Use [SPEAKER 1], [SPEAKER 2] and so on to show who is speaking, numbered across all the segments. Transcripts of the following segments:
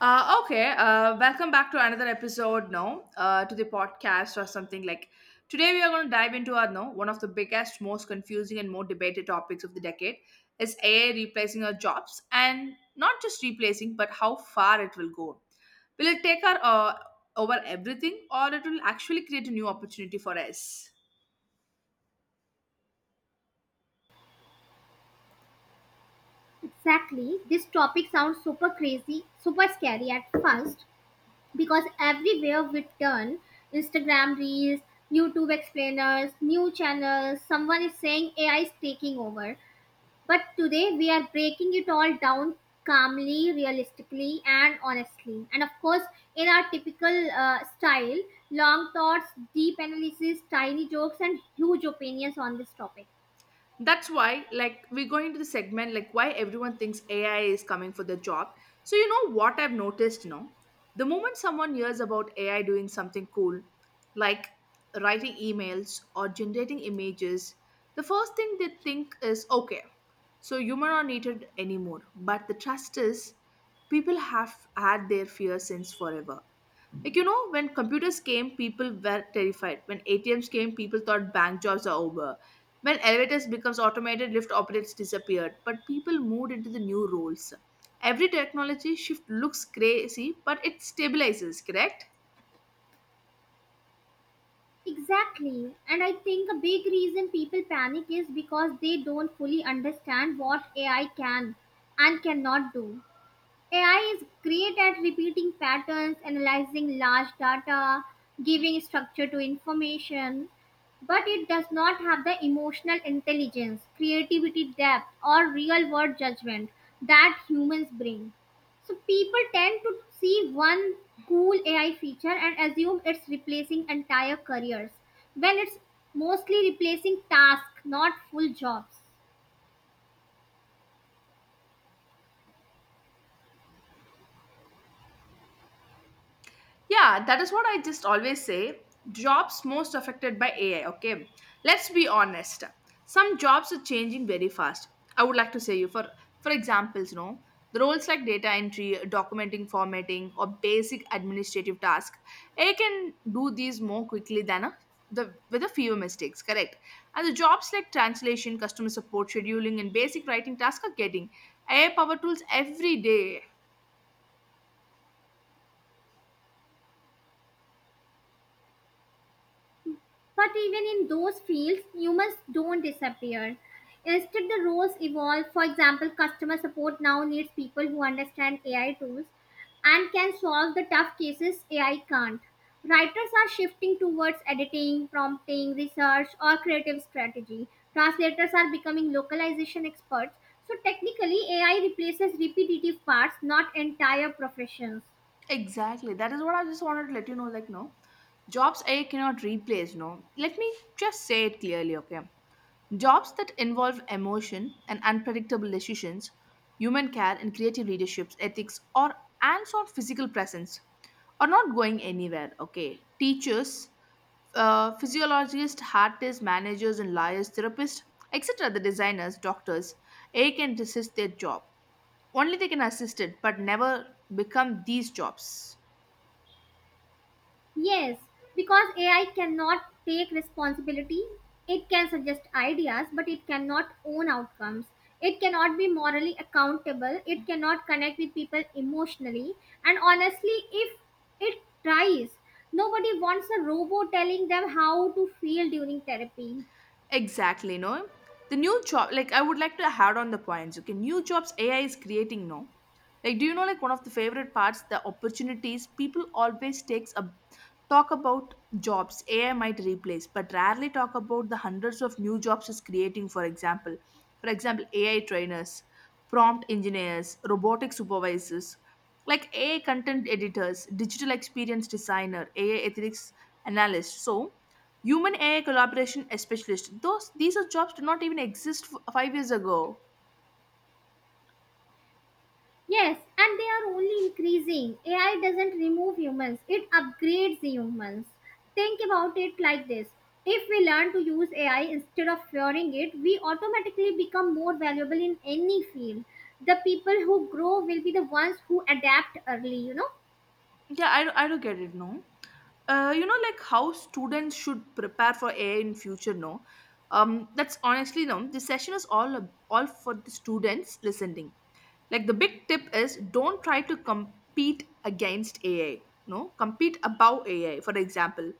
[SPEAKER 1] Okay, welcome back to another episode now, to the podcast or something like. Today we are going to dive into our no one of the biggest, most confusing and more debated topics of the decade is AI replacing our jobs, and not just replacing, but how far it will go. Will it take our over everything, or it will actually create a new opportunity for us?
[SPEAKER 2] Exactly. This topic sounds super crazy, super scary at first because everywhere we turn Instagram reels, YouTube explainers, new channels, someone is saying AI is taking over. But today we are breaking it all down calmly, realistically, and honestly. And of course, in our typical style long thoughts, deep analysis, tiny jokes, and huge opinions on this topic.
[SPEAKER 1] That's why like we go into the segment like why everyone thinks AI is coming for the job. So you know what I've noticed no, the moment someone hears about AI doing something cool, like writing emails or generating images, the first thing they think is okay, so human are needed anymore. But the trust is people have had their fear since forever. Like, you know, when computers came, people were terrified. When ATMs came, people thought bank jobs are over. When elevators becomes automated, lift operators disappeared. But people moved into the new roles. Every technology shift looks crazy, but it stabilizes, correct?
[SPEAKER 2] Exactly. And I think a big reason people panic is because they don't fully understand what AI can and cannot do. AI is great at repeating patterns, analyzing large data, giving structure to information, but it does not have the emotional intelligence, creativity depth, or real world judgment that humans bring. So people tend to see one cool AI feature and assume it's replacing entire careers when it's mostly replacing tasks, not full jobs.
[SPEAKER 1] Yeah, that is what I just always say. Jobs most affected by AI, okay? Let's be honest. Some jobs are changing very fast. I would like to say you for examples, you know, the roles like data entry, documenting, formatting, or basic administrative tasks, AI can do these more quickly than a the with a fewer mistakes, correct? And the jobs like translation, customer support, scheduling, and basic writing tasks are getting AI power tools every day.
[SPEAKER 2] But even in those fields, humans don't disappear. Instead, the roles evolve. For example, customer support now needs people who understand AI tools and can solve the tough cases AI can't. Writers are shifting towards editing, prompting, research, or creative strategy. Translators are becoming localization experts. So, technically, AI replaces repetitive parts, not entire professions.
[SPEAKER 1] Exactly. That is what I just wanted to let you know. Like, no, jobs AI cannot replace. No, let me just say it clearly. Okay, jobs that involve emotion and unpredictable decisions, human care and creative leaderships, ethics, or hands-on physical presence are not going anywhere. Okay, teachers, physiologists, artists, managers, and lawyers, therapists, etc. The designers, doctors, AI can assist their job. Only they can assist it, but never become these jobs.
[SPEAKER 2] Yes, because AI cannot take responsibility. It can suggest ideas, but it cannot own outcomes. It cannot be morally accountable. It cannot connect with people emotionally. And honestly, if it tries, nobody wants a robot telling them how to feel during therapy.
[SPEAKER 1] Exactly, no? The new job, like I would like to add on the points. Okay, new jobs AI is creating, no? Like, do you know, like one of the favorite parts, the opportunities people always takes a talk about jobs AI might replace, but rarely talk about the hundreds of new jobs is creating. For example, AI trainers, prompt engineers, robotic supervisors, like AI content editors, digital experience designer, AI ethics analyst. So Human AI collaboration specialist. Those These are jobs did not even exist 5 years ago.
[SPEAKER 2] Yes, and they are only increasing. AI doesn't remove humans, it upgrades the humans. Think about it like this. If we learn to use AI instead of fearing it, we automatically become more valuable in any field. The people who grow will be the ones who adapt early, you know?
[SPEAKER 1] I do get it, no. You know, like how students should prepare for AI in future. No, that's honestly no, this session is all all for the students listening. Like the big tip is don't try to compete against AI, no, compete above AI. For example,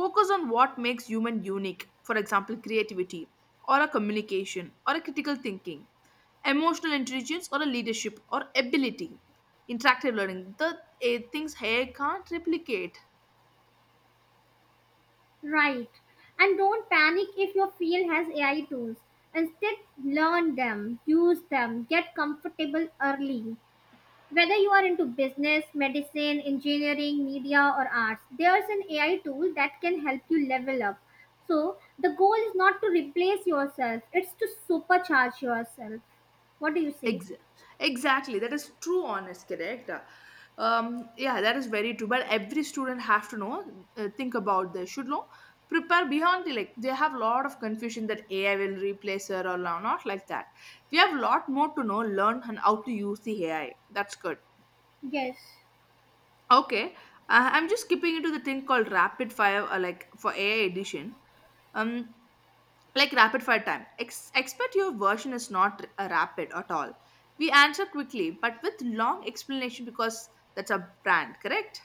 [SPEAKER 1] focus on what makes human unique, for example creativity or a communication or a critical thinking, emotional intelligence or a leadership or ability, interactive learning, the it things hair can't replicate.
[SPEAKER 2] Right. And don't panic if your field has AI tools. Instead, learn them, use them, get comfortable early. Whether you are into business, medicine, engineering, media, or arts, there's an AI tool that can help you level up. So, the goal is not to replace yourself, it's to supercharge yourself. What do you say?
[SPEAKER 1] Ex- exactly, that is true. Honest, correct. Yeah, that is very true. But every student have to know, think about this, should know, prepare beyond the like. They have a lot of confusion that AI will replace her or not like that. We have a lot more to know, learn, and how to use the AI. That's good.
[SPEAKER 2] Yes,
[SPEAKER 1] Okay, I'm just skipping into the thing called rapid fire, like for AI edition. Um. Like rapid fire time. Expert, your version is not a rapid at all. We answer quickly but with long explanation, because that's a brand, correct?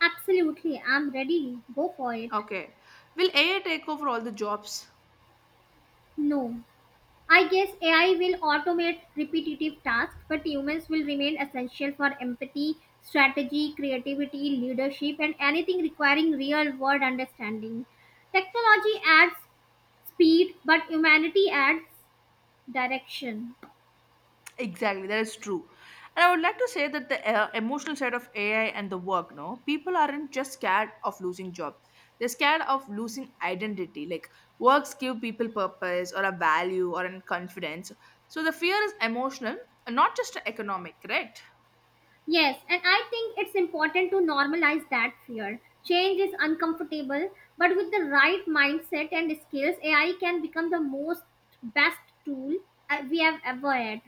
[SPEAKER 2] absolutely. I'm ready. Go for it.
[SPEAKER 1] Okay, will AI take over all the jobs?
[SPEAKER 2] No. I guess AI will automate repetitive tasks, but humans will remain essential for empathy, strategy, creativity, leadership, and anything requiring real world understanding. Technology adds speed, but humanity adds direction.
[SPEAKER 1] Exactly, that is true. And I would like to say that the emotional side of AI and the work, no, people aren't just scared of losing job, they're scared of losing identity. Like, works give people purpose or a value or an confidence. So the fear is emotional and not just economic, correct?
[SPEAKER 2] Yes, and I think it's important to normalize that fear. Change is uncomfortable, but with the right mindset and skills, AI can become the most best tool we have ever had.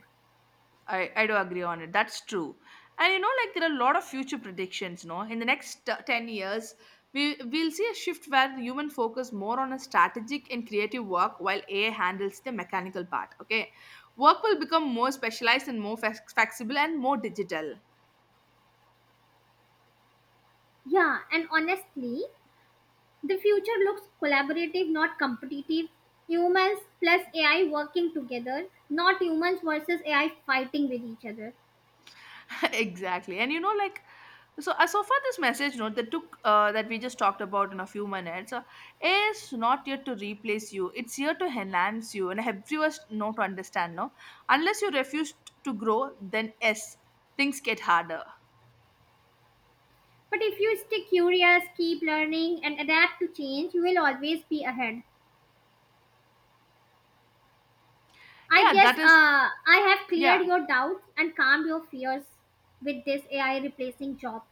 [SPEAKER 1] I do agree on it. That's true. And you know, like there are a lot of future predictions, no? In the next 10 years, we'll see a shift where the human focus more on a strategic and creative work while AI handles the mechanical part, okay? Work will become more specialized and more flexible and more digital.
[SPEAKER 2] Yeah, and honestly, the future looks collaborative, not competitive. Humans plus AI working together, not humans versus AI fighting with each other.
[SPEAKER 1] Exactly. And you know, like so, so far, this message note that took that we just talked about in a few minutes is not here to replace you. It's here to enhance you and help you us know to understand. No, unless you refuse to grow, then yes, things get harder.
[SPEAKER 2] But if you stay curious, keep learning, and adapt to change, you will always be ahead. I
[SPEAKER 1] Yeah,
[SPEAKER 2] guess
[SPEAKER 1] that is
[SPEAKER 2] I have cleared
[SPEAKER 1] yeah.
[SPEAKER 2] your doubts and calmed your fears with this AI replacing jobs.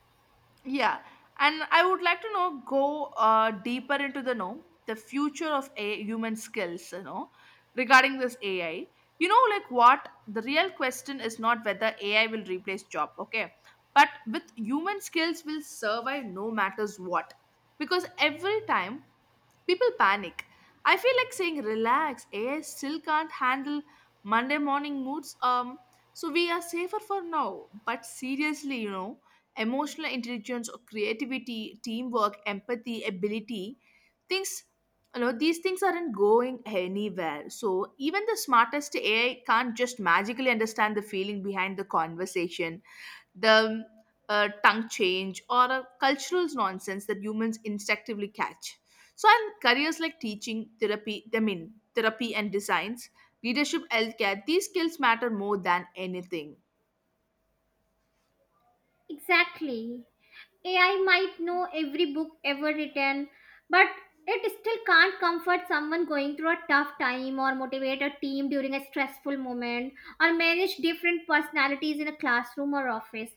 [SPEAKER 1] Yeah, and I would like to know go deeper into the know the future of a human skills. You know, regarding this AI, you know, like what the real question is not whether AI will replace job, okay, but with human skills will survive no matters what, because every time people panic. I feel like saying relax, AI still can't handle Monday morning moods. So we are safer for now. But seriously, you know, emotional intelligence or creativity, teamwork, empathy ability, things, you know, these things aren't going anywhere. So even the smartest AI can't just magically understand the feeling behind the conversation, the tongue change or a cultural nonsense that humans instinctively catch. So and careers like teaching, therapy, therapy and designs, leadership, healthcare, these skills matter more than anything.
[SPEAKER 2] Exactly. AI might know every book ever written, but it still can't comfort someone going through a tough time or motivate a team during a stressful moment or manage different personalities in a classroom or office.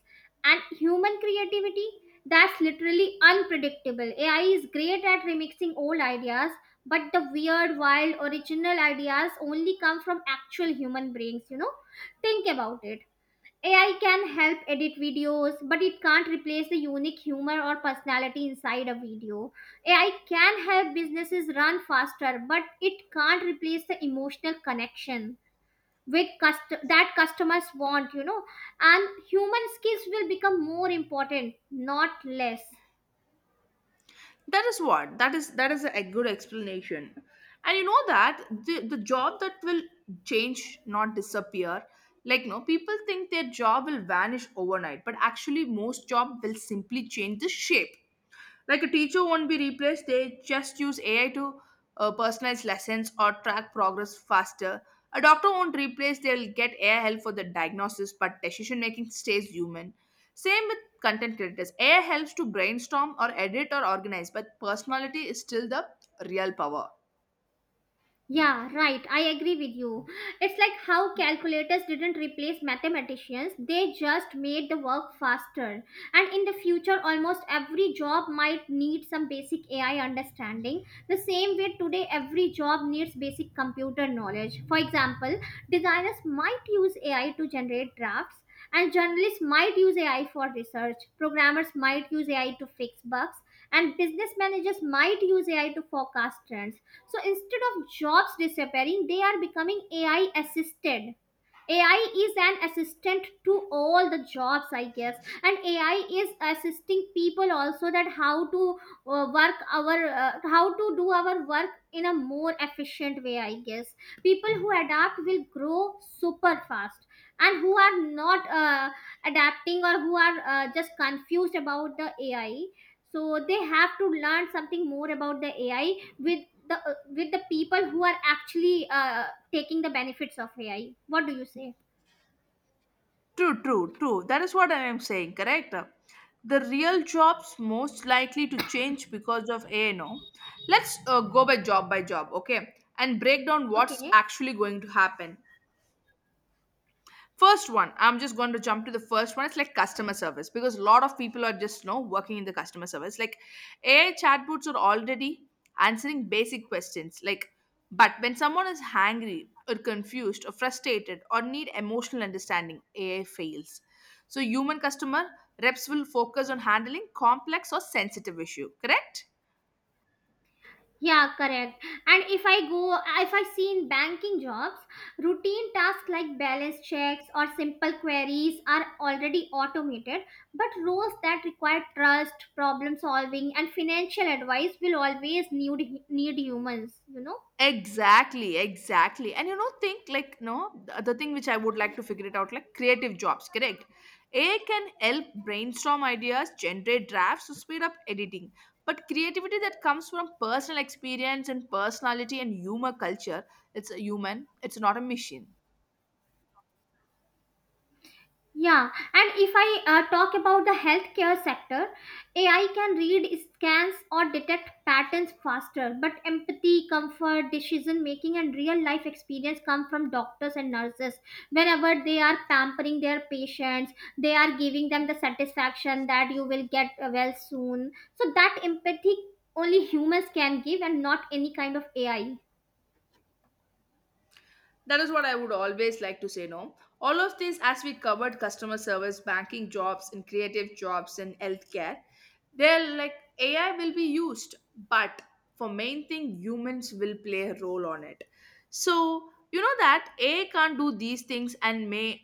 [SPEAKER 2] And human creativity, that's literally unpredictable. AI is great at remixing old ideas, but the weird, wild, original ideas only come from actual human brains, you know? Think about it. AI can help edit videos, but it can't replace the unique humor or personality inside a video. AI can help businesses run faster, but it can't replace the emotional connection with that customers want. And human skills will become more important, not less.
[SPEAKER 1] That is what that is a good explanation. And you know that the job that will change not disappear. Like, no, people think their job will vanish overnight, but actually most job will simply change the shape. Like a teacher won't be replaced, they just use AI to personalize lessons or track progress faster. A doctor won't replace, they'll get AI help for the diagnosis, but decision making stays human. Same with content creators. AI helps to brainstorm or edit or organize, but personality is still the real power.
[SPEAKER 2] Yeah, right. I agree with you. It's like how calculators didn't replace mathematicians, they just made the work faster. And in the future, almost every job might need some basic AI understanding. The same way today, every job needs basic computer knowledge. For example, designers might use AI to generate drafts. And journalists might use AI for research. Programmers might use AI to fix bugs. And business managers might use AI to forecast trends, so instead of jobs disappearing, they are becoming AI assisted. AI is an assistant to all the jobs, I guess, and AI is assisting people also that how to work our how to do our work in a more efficient way. I guess people who adapt will grow super fast, and who are not adapting or who are just confused about the AI, so they have to learn something more about the AI with the people who are actually taking the benefits of AI. What do you say?
[SPEAKER 1] True, true, true. That is what I am saying, correct? The real jobs most likely to change because of ANO. Let's go by job, okay? And break down what's
[SPEAKER 2] Okay.
[SPEAKER 1] actually going to happen. First one, I'm just going to jump to the first one. It's like customer service, because a lot of people are just, you know, working in the customer service. Like AI chatbots are already answering basic questions. Like, but when someone is hangry or confused or frustrated or need emotional understanding, AI fails. So human customer reps will focus on handling complex or sensitive issue, correct?
[SPEAKER 2] Yeah, correct. And if I go, if I see in banking jobs, routine tasks like balance checks or simple queries are already automated, but roles that require trust, problem solving, and financial advice will always need humans.
[SPEAKER 1] Exactly, exactly. And you know, think like, no, the thing which I would like to figure it out, like creative jobs, correct? AI can help brainstorm ideas, generate drafts, to speed up editing. But creativity that comes from personal experience and personality and humor culture, it's a human, it's not a machine.
[SPEAKER 2] Yeah, and if I talk about the healthcare sector, AI can read scans or detect patterns faster, but empathy, comfort, decision making, and real life experience come from doctors and nurses. Whenever they are pampering their patients, they are giving them the satisfaction that you will get well soon. So, that empathy only humans can give and not any kind of AI.
[SPEAKER 1] That is what I would always like to say, no. All of these, as we covered customer service, banking jobs, and creative jobs, and healthcare, they're like AI will be used, but for main thing, humans will play a role on it. So, you know that AI can't do these things and may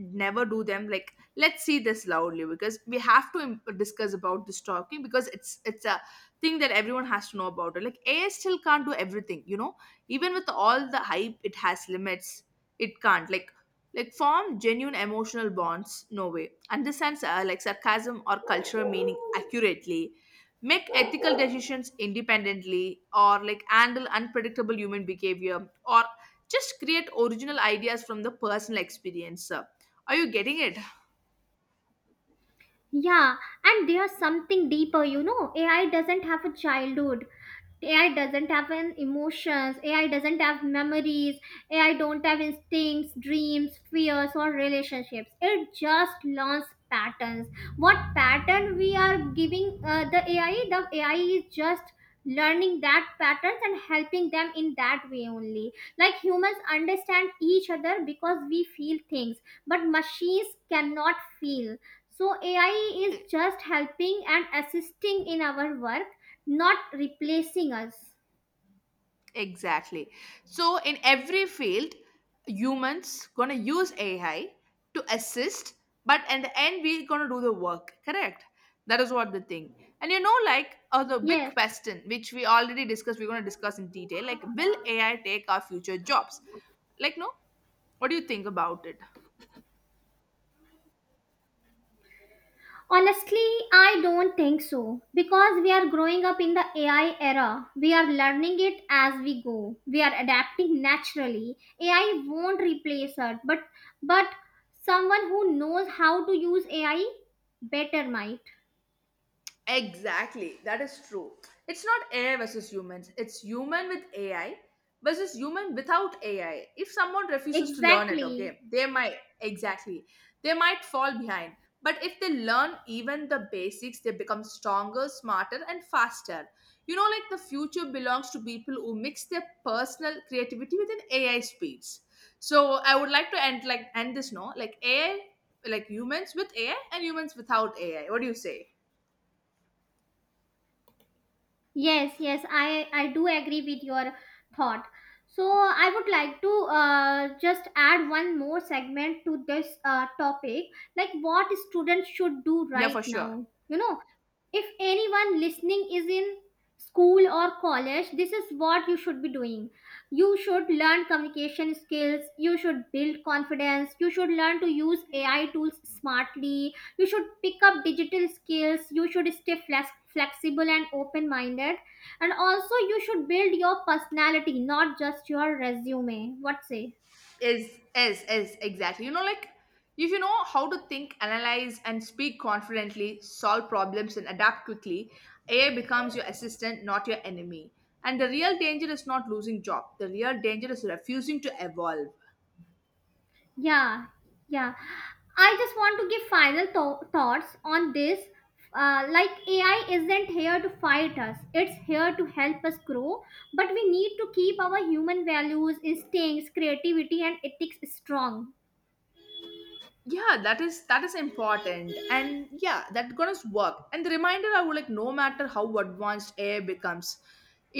[SPEAKER 1] never do them. Like, let's see this loudly, because we have to discuss about this talking, because it's a thing that everyone has to know about it. Like AI still can't do everything, you know, even with all the hype it has limits. It can't, like form genuine emotional bonds, no way understands like sarcasm or cultural meaning accurately, make ethical decisions independently, or like handle unpredictable human behavior, or just create original ideas from the personal experience. Are you getting it?
[SPEAKER 2] Yeah, and there's something deeper. AI doesn't have a childhood. AI doesn't have an emotions. AI doesn't have memories. AI don't have instincts, dreams, fears, or relationships. It just learns patterns. What pattern we are giving the AI? The AI is just learning that patterns and helping them in that way only, like humans understand each other because we feel things, but machines cannot feel. So AI is
[SPEAKER 1] E-
[SPEAKER 2] just helping and assisting in our work, not replacing us.
[SPEAKER 1] Exactly. So in every field, humans gonna use AI to assist, but in the end, we're gonna do the work. Correct. That is what the thing. And you know, like the
[SPEAKER 2] Yes,
[SPEAKER 1] big question, which we already discussed, we're gonna discuss in detail. Like, will AI take our future jobs? Like, no. What do you think about it?
[SPEAKER 2] honestly, I don't think so, because we are growing up in the AI era. We are learning it as we go. We are adapting naturally. AI won't replace us, but but someone who knows how to use AI better might.
[SPEAKER 1] Exactly, that is true. It's not AI versus humans, it's human with AI versus human without AI. If someone refuses to learn it,
[SPEAKER 2] Exactly.
[SPEAKER 1] okay, they might, exactly, they might fall behind. But if they learn even the basics, they become stronger, smarter, and faster. You know, like the future belongs to people who mix their personal creativity with an AI speeds. So I would like to end like end this no, like AI, like humans with AI and humans without AI. What do you say?
[SPEAKER 2] Yes, yes, I do agree with your thought. So I would like to just add one more segment to this topic, like what students should do
[SPEAKER 1] Yeah,
[SPEAKER 2] right
[SPEAKER 1] for sure.
[SPEAKER 2] now. If anyone listening is in school or college, this is what you should be doing. You should learn communication skills. You should build confidence. You should learn to use AI tools smartly. You should pick up digital skills. You should stay flexible and open minded. And also, you should build your personality, not just your resume. What say?
[SPEAKER 1] Is exactly. You know, like if you know how to think, analyze, and speak confidently, solve problems, and adapt quickly, AI becomes your assistant, not your enemy. And the real danger is not losing job. The real danger is refusing to evolve.
[SPEAKER 2] Yeah, yeah. I just want to give final thoughts on this. Like, AI isn't here to fight us, it's here to help us grow. But we need to keep our human values, instincts, creativity, and ethics strong.
[SPEAKER 1] Yeah, that is important. And yeah, that gonna work. And the reminder I would like, no matter how advanced AI becomes,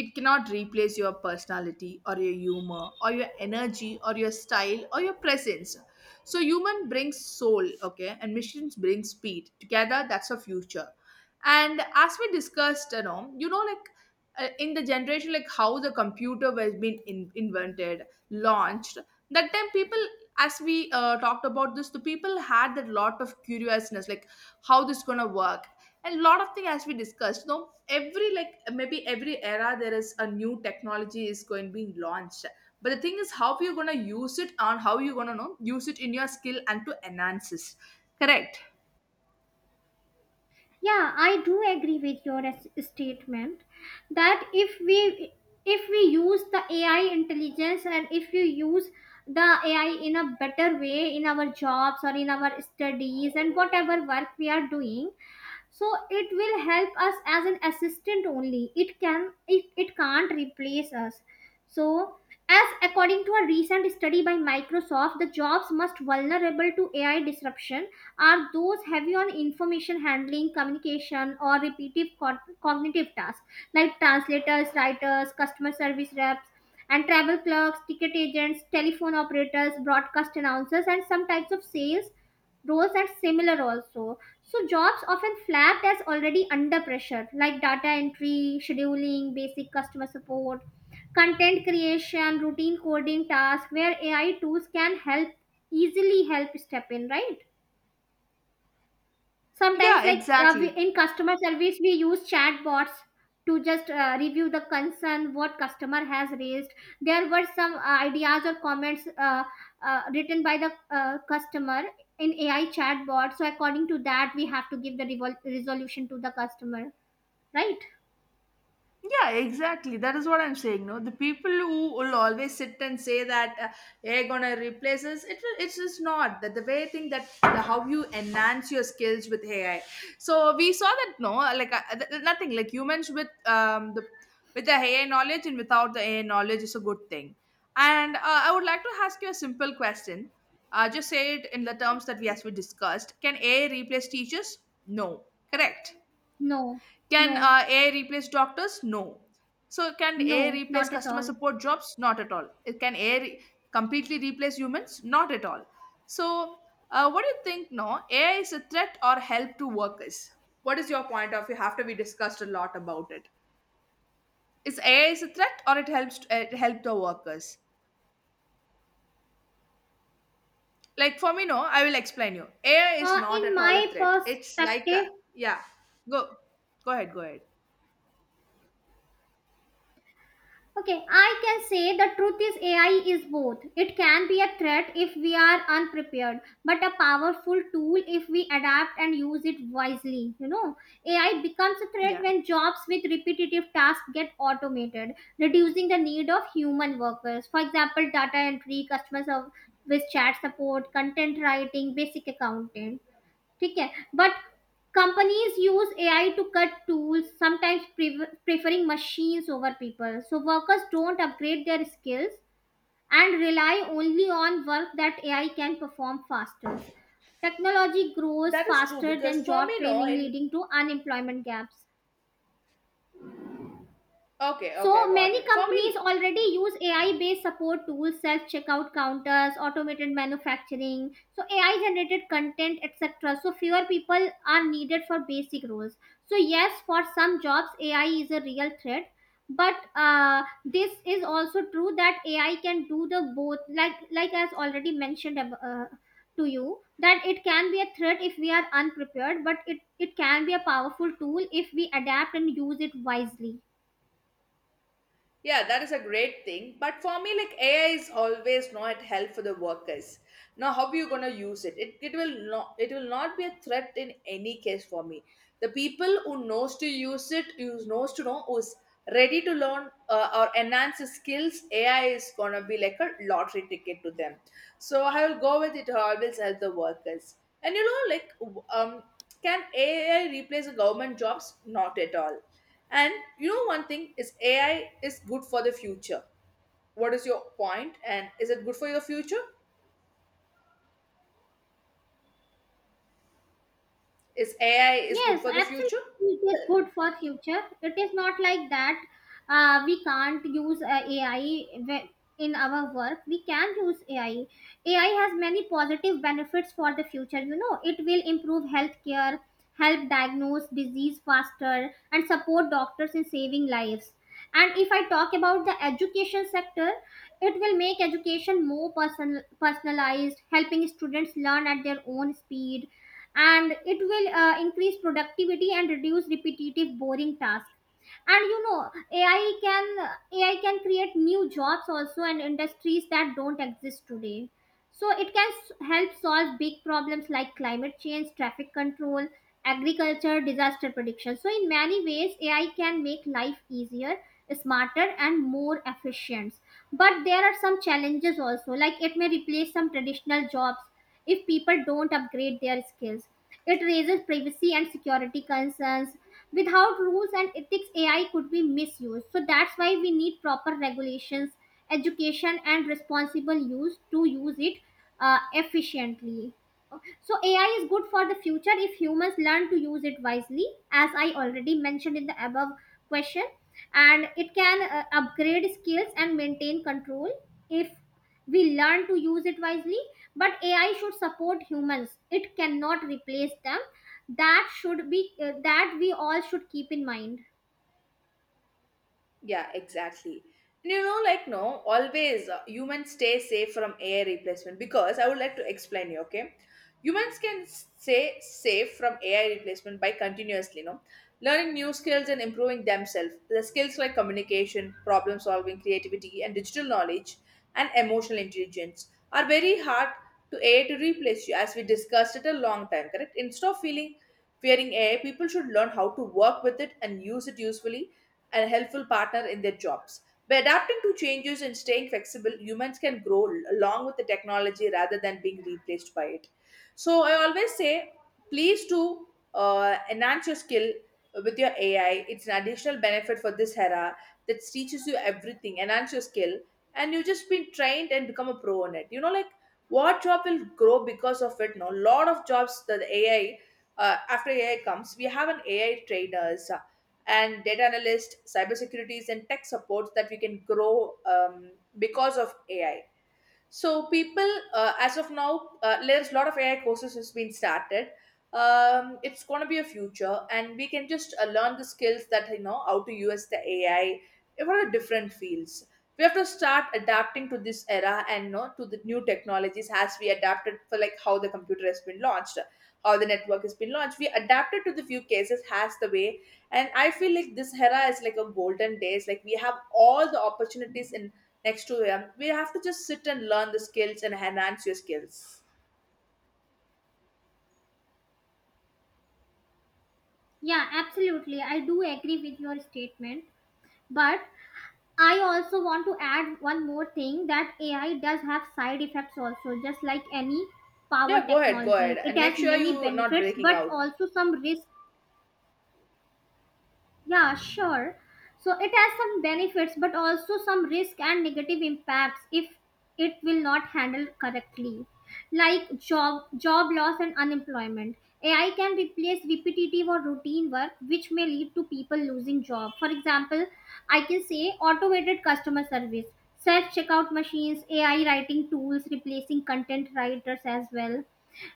[SPEAKER 1] it cannot replace your personality or your humor or your energy or your style or your presence. So human brings soul, okay, and machines bring speed. Together that's our future. And as we discussed, you know, like in the generation, like how the computer was invented, launched, that time people, as we talked about this, the people had that lot of curiousness, like how this gonna work. And a lot of things, as we discussed, no, every, like maybe every era there is a new technology is going being launched. But the thing is how you're gonna use it and how you're gonna know use it in your skill and to enhance it, correct?
[SPEAKER 2] Yeah, I do agree with your statement that if we use the AI intelligence, and if we use the AI in a better way in our jobs or in our studies, and whatever work we are doing, so it will help us as an assistant only. It can't replace us. So, as according to a recent study by Microsoft, the jobs most vulnerable to AI disruption are those heavy on information handling, communication, or repetitive cognitive tasks, like translators, writers, customer service reps, and travel clerks, ticket agents, telephone operators, broadcast announcers, and some types of sales roles are similar also. So jobs often flagged as already under pressure, like data entry, scheduling, basic customer support, content creation, routine coding tasks, where AI tools can help easily help step in, right? Sometimes,
[SPEAKER 1] Yeah,
[SPEAKER 2] like
[SPEAKER 1] exactly.
[SPEAKER 2] in customer service we use chatbots to just review the concern what customer has raised. There were some ideas or comments written by the customer in AI chatbot, so according to that we have to give the resolution to the customer, right?
[SPEAKER 1] Yeah, exactly. That is what I'm saying. No, the people who will always sit and say that "Hey, gonna replace us," it's just not that the way thing that the, how you enhance your skills with AI. So we saw that, no, like nothing like humans with the with the AI knowledge and without the AI knowledge is a good thing. And I would like to ask you a simple question. Just say it in the terms that we discussed. Can AI replace teachers? No, correct.
[SPEAKER 2] No,
[SPEAKER 1] Can
[SPEAKER 2] no,
[SPEAKER 1] AI replace doctors? No. So can AI
[SPEAKER 2] no,
[SPEAKER 1] replace
[SPEAKER 2] not at
[SPEAKER 1] customer
[SPEAKER 2] all.
[SPEAKER 1] support jobs? Not at all. It can AI completely replace humans? Not at all. So what do you think? No, AI is a threat or help to workers? What is your point of view after we discussed a lot about it? Is AI is a threat or it helps it help the workers? Like for me, no. I will explain you. AI is not
[SPEAKER 2] In
[SPEAKER 1] at all a
[SPEAKER 2] my
[SPEAKER 1] threat. It's like a,
[SPEAKER 2] perspective,
[SPEAKER 1] yeah. Go Go ahead.
[SPEAKER 2] okay, I can say the truth is AI is both. It can be a threat if we are unprepared, but a powerful tool if we adapt and use it wisely. AI becomes a threat
[SPEAKER 1] Yeah.
[SPEAKER 2] when jobs with repetitive tasks get automated, reducing the need of human workers. For example, data entry, customer service, chat support, content writing, basic accounting. ठीक है but companies use AI to cut tools sometimes preferring machines over people, so workers don't upgrade their skills and rely only on work that AI can perform faster. Technology grows
[SPEAKER 1] That is true
[SPEAKER 2] faster
[SPEAKER 1] because
[SPEAKER 2] than
[SPEAKER 1] for
[SPEAKER 2] job
[SPEAKER 1] me, no,
[SPEAKER 2] training,
[SPEAKER 1] in,
[SPEAKER 2] leading to unemployment gaps.
[SPEAKER 1] okay, okay, I
[SPEAKER 2] So
[SPEAKER 1] got
[SPEAKER 2] many
[SPEAKER 1] it. For
[SPEAKER 2] companies
[SPEAKER 1] me,
[SPEAKER 2] already use AI-based support tools, self-checkout counters, automated manufacturing, so AI-generated content, etc. So fewer people are needed for basic roles. So yes, for some jobs, AI is a real threat. But this is also true that AI can do the both, like as already mentioned to you, that it can be a threat if we are unprepared, but it can be a powerful tool if we adapt and use it wisely.
[SPEAKER 1] yeah, that is a great thing. But for me, like AI is always not help for the workers. Now, how are you gonna use it? It will not, it will not be a threat in any case for me. The people who knows to use it, who knows to know, who's ready to learn or enhance the skills, AI is gonna be like a lottery ticket to them. So I will go with it, always help the workers. And you know, like, can AI replace the government jobs? Not at all. And you know, one thing is AI is good for the future. What is your point? And is it good for your future? Is AI is good
[SPEAKER 2] Yes,
[SPEAKER 1] for the
[SPEAKER 2] absolutely.
[SPEAKER 1] future?
[SPEAKER 2] It is good for future. It is not like that we can't use AI in our work. We can use AI. AI has many positive benefits for the future. You know, it will improve healthcare, help diagnose disease faster, and support doctors in saving lives. And if I talk about the education sector, it will make education more personalized, helping students learn at their own speed, and it will increase productivity and reduce repetitive boring tasks. And you know, AI can, AI can create new jobs also, and industries that don't exist today. So it can help solve big problems like climate change, traffic control, agriculture, disaster prediction. So in many ways, AI can make life easier, smarter, and more efficient. But there are some challenges also, like it may replace some traditional jobs if people don't upgrade their skills. It raises privacy and security concerns. Without rules and ethics, AI could be misused. So that's why we need proper regulations, education, and responsible use to use it efficiently. So AI is good for the future if humans learn to use it wisely, as I already mentioned in the above question, and it can upgrade skills and maintain control if we learn to use it wisely. But AI should support humans, it cannot replace them. That should be, that we all should keep in mind.
[SPEAKER 1] Yeah, exactly. And you know, like, no, always humans stay safe from AI replacement, because I would like to explain you, okay? Humans can stay safe from AI replacement by continuously, no, learning new skills and improving themselves. The skills like communication, problem solving, creativity, and digital knowledge and emotional intelligence are very hard to AI to replace you, as we discussed it a long time, correct? Instead of feeling fearing AI, people should learn how to work with it and use it usefully and a helpful partner in their jobs. By adapting to changes and staying flexible, humans can grow along with the technology rather than being replaced by it. So I always say, please do enhance your skill with your AI. It's an additional benefit for this era that teaches you everything, enhance your skill, and you've just been trained and become a pro on it. You know, like what job will grow because of it? No, lot of jobs that the AI. After AI comes, we have an AI trainers and data analysts, cybersecurities, and tech supports that we can grow because of AI. So people, as of now, there's a lot of AI courses has been started. It's going to be a future, and we can just learn the skills that you know how to use the AI for the different fields. We have to start adapting to this era and you know, to the new technologies, as we adapted for, like how the computer has been launched, how the network has been launched. We adapted to the few cases as the way, and I feel like this era is like a golden days. Like we have all the opportunities in next to him. We have to just sit and learn the skills and enhance your skills.
[SPEAKER 2] Yeah, absolutely, I do agree with your statement, but I also want to add one more thing, that AI does have side effects also. Just like any power
[SPEAKER 1] Yeah, go
[SPEAKER 2] technology,
[SPEAKER 1] ahead,
[SPEAKER 2] it
[SPEAKER 1] and make
[SPEAKER 2] has
[SPEAKER 1] sure
[SPEAKER 2] many
[SPEAKER 1] you not
[SPEAKER 2] benefits
[SPEAKER 1] breaking
[SPEAKER 2] but
[SPEAKER 1] out.
[SPEAKER 2] also some risk. Yeah, sure. So it has some benefits, but also some risk and negative impacts if it will not handle correctly, like job loss and unemployment. AI can replace repetitive or routine work, which may lead to people losing job. For example, I can say automated customer service, self checkout machines, AI writing tools replacing content writers as well.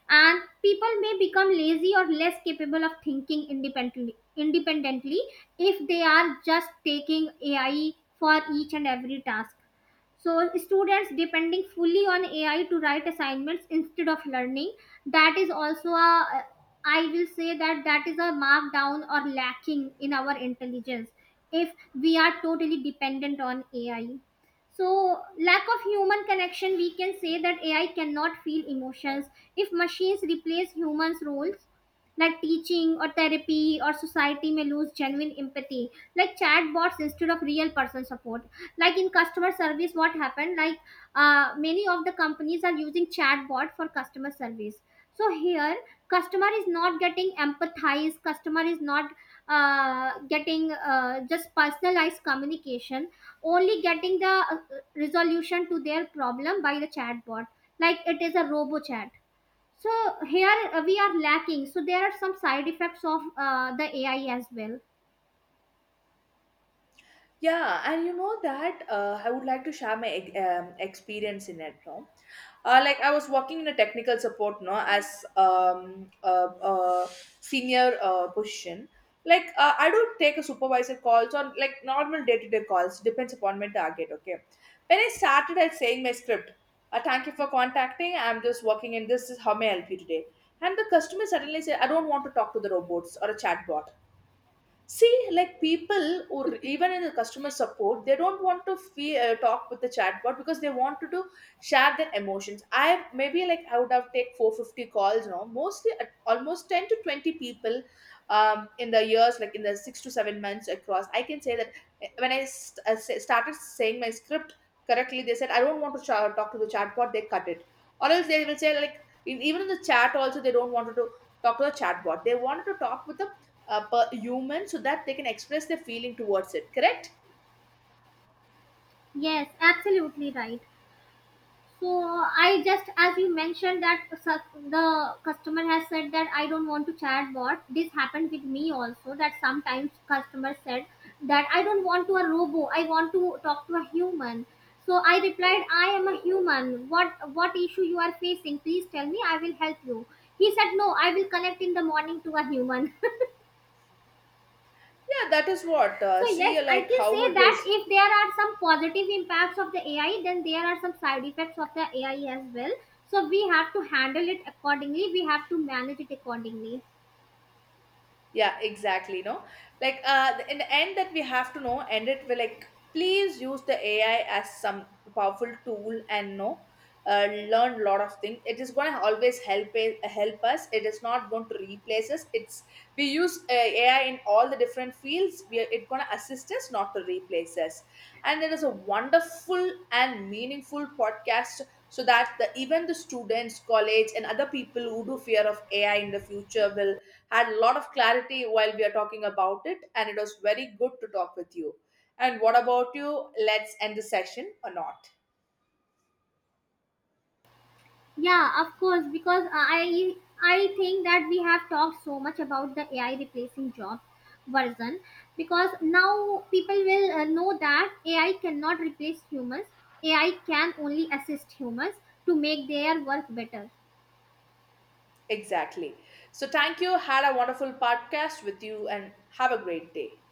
[SPEAKER 2] And people may become lazy or less capable of thinking independently if they are just taking AI for each and every task. So students depending fully on AI to write assignments instead of learning, that is also a, I will say that is a markdown or lacking in our intelligence if we are totally dependent on AI. So lack of human connection, we can say that AI cannot feel emotions. If machines replace humans roles, like teaching or therapy, or society may lose genuine empathy, like chatbots instead of real person support, like in customer service. What happened, like many of the companies are using chatbot for customer service. So here customer is not getting empathized, customer is not getting just personalized communication, only getting the resolution to their problem by the chatbot, like it is a robo chat. So here, we are lacking. So there are some side effects of the AI as well.
[SPEAKER 1] Yeah, and you know that I would like to share my experience in it. No, like I was working in a technical support, no, as a senior position. Like I don't take a supervisor calls or like normal day to day calls. Depends upon my target. Okay, when I started at saying my script, thank you for contacting. I'm just working in this. This is how may I help you today. And the customer suddenly said, I don't want to talk to the robots or a chatbot. See, like people or even in the customer support, they don't want to talk with the chatbot because they want to do, share their emotions. I maybe like I would have take 450 calls, you know, mostly at almost 10 to 20 people in the years, like in the 6 to 7 months across. I can say that when I started saying my script correctly, they said, I don't want to talk to the chatbot, they cut it. Or else they will say like, in, even in the chat also, they don't want to talk to the chatbot. They wanted to talk with the per human, so that they can express their feeling towards it, correct?
[SPEAKER 2] Yes, absolutely right. So I just, as you mentioned, that the customer has said that I don't want to chatbot. This happened with me also. That sometimes customer said that I don't want to a robo. I want to talk to a human. So I replied, I am a human. What issue you are facing? Please tell me, I will help you. He said, no, I will connect in the morning to a human.
[SPEAKER 1] Yeah, that is what,
[SPEAKER 2] So yes,
[SPEAKER 1] see
[SPEAKER 2] I
[SPEAKER 1] like
[SPEAKER 2] can
[SPEAKER 1] how
[SPEAKER 2] say
[SPEAKER 1] it
[SPEAKER 2] that
[SPEAKER 1] is.
[SPEAKER 2] if there are some positive impacts of the AI, then there are some side effects of the AI as well. So we have to handle it accordingly. We have to manage it accordingly.
[SPEAKER 1] Yeah, exactly. No, like in the end, that we have to know, end it with like, please use the AI as some powerful tool and no, learn a lot of things. It is going to always help it, help us. It is not going to replace us. It's we use AI in all the different fields. We are, it going to assist us, not to replace us. And it is a wonderful and meaningful podcast. So that the, even the students, college, and other people who do fear of AI in the future will had a lot of clarity while we are talking about it, and it was very good to talk with you. And what about you? Let's end the session or not?
[SPEAKER 2] Yeah, of course, because I think that we have talked so much about the AI replacing jobs version, because now people will know that AI cannot replace humans. AI can only assist humans to make their work better.
[SPEAKER 1] Exactly. So, thank you. Had a wonderful podcast with you, and have a great day.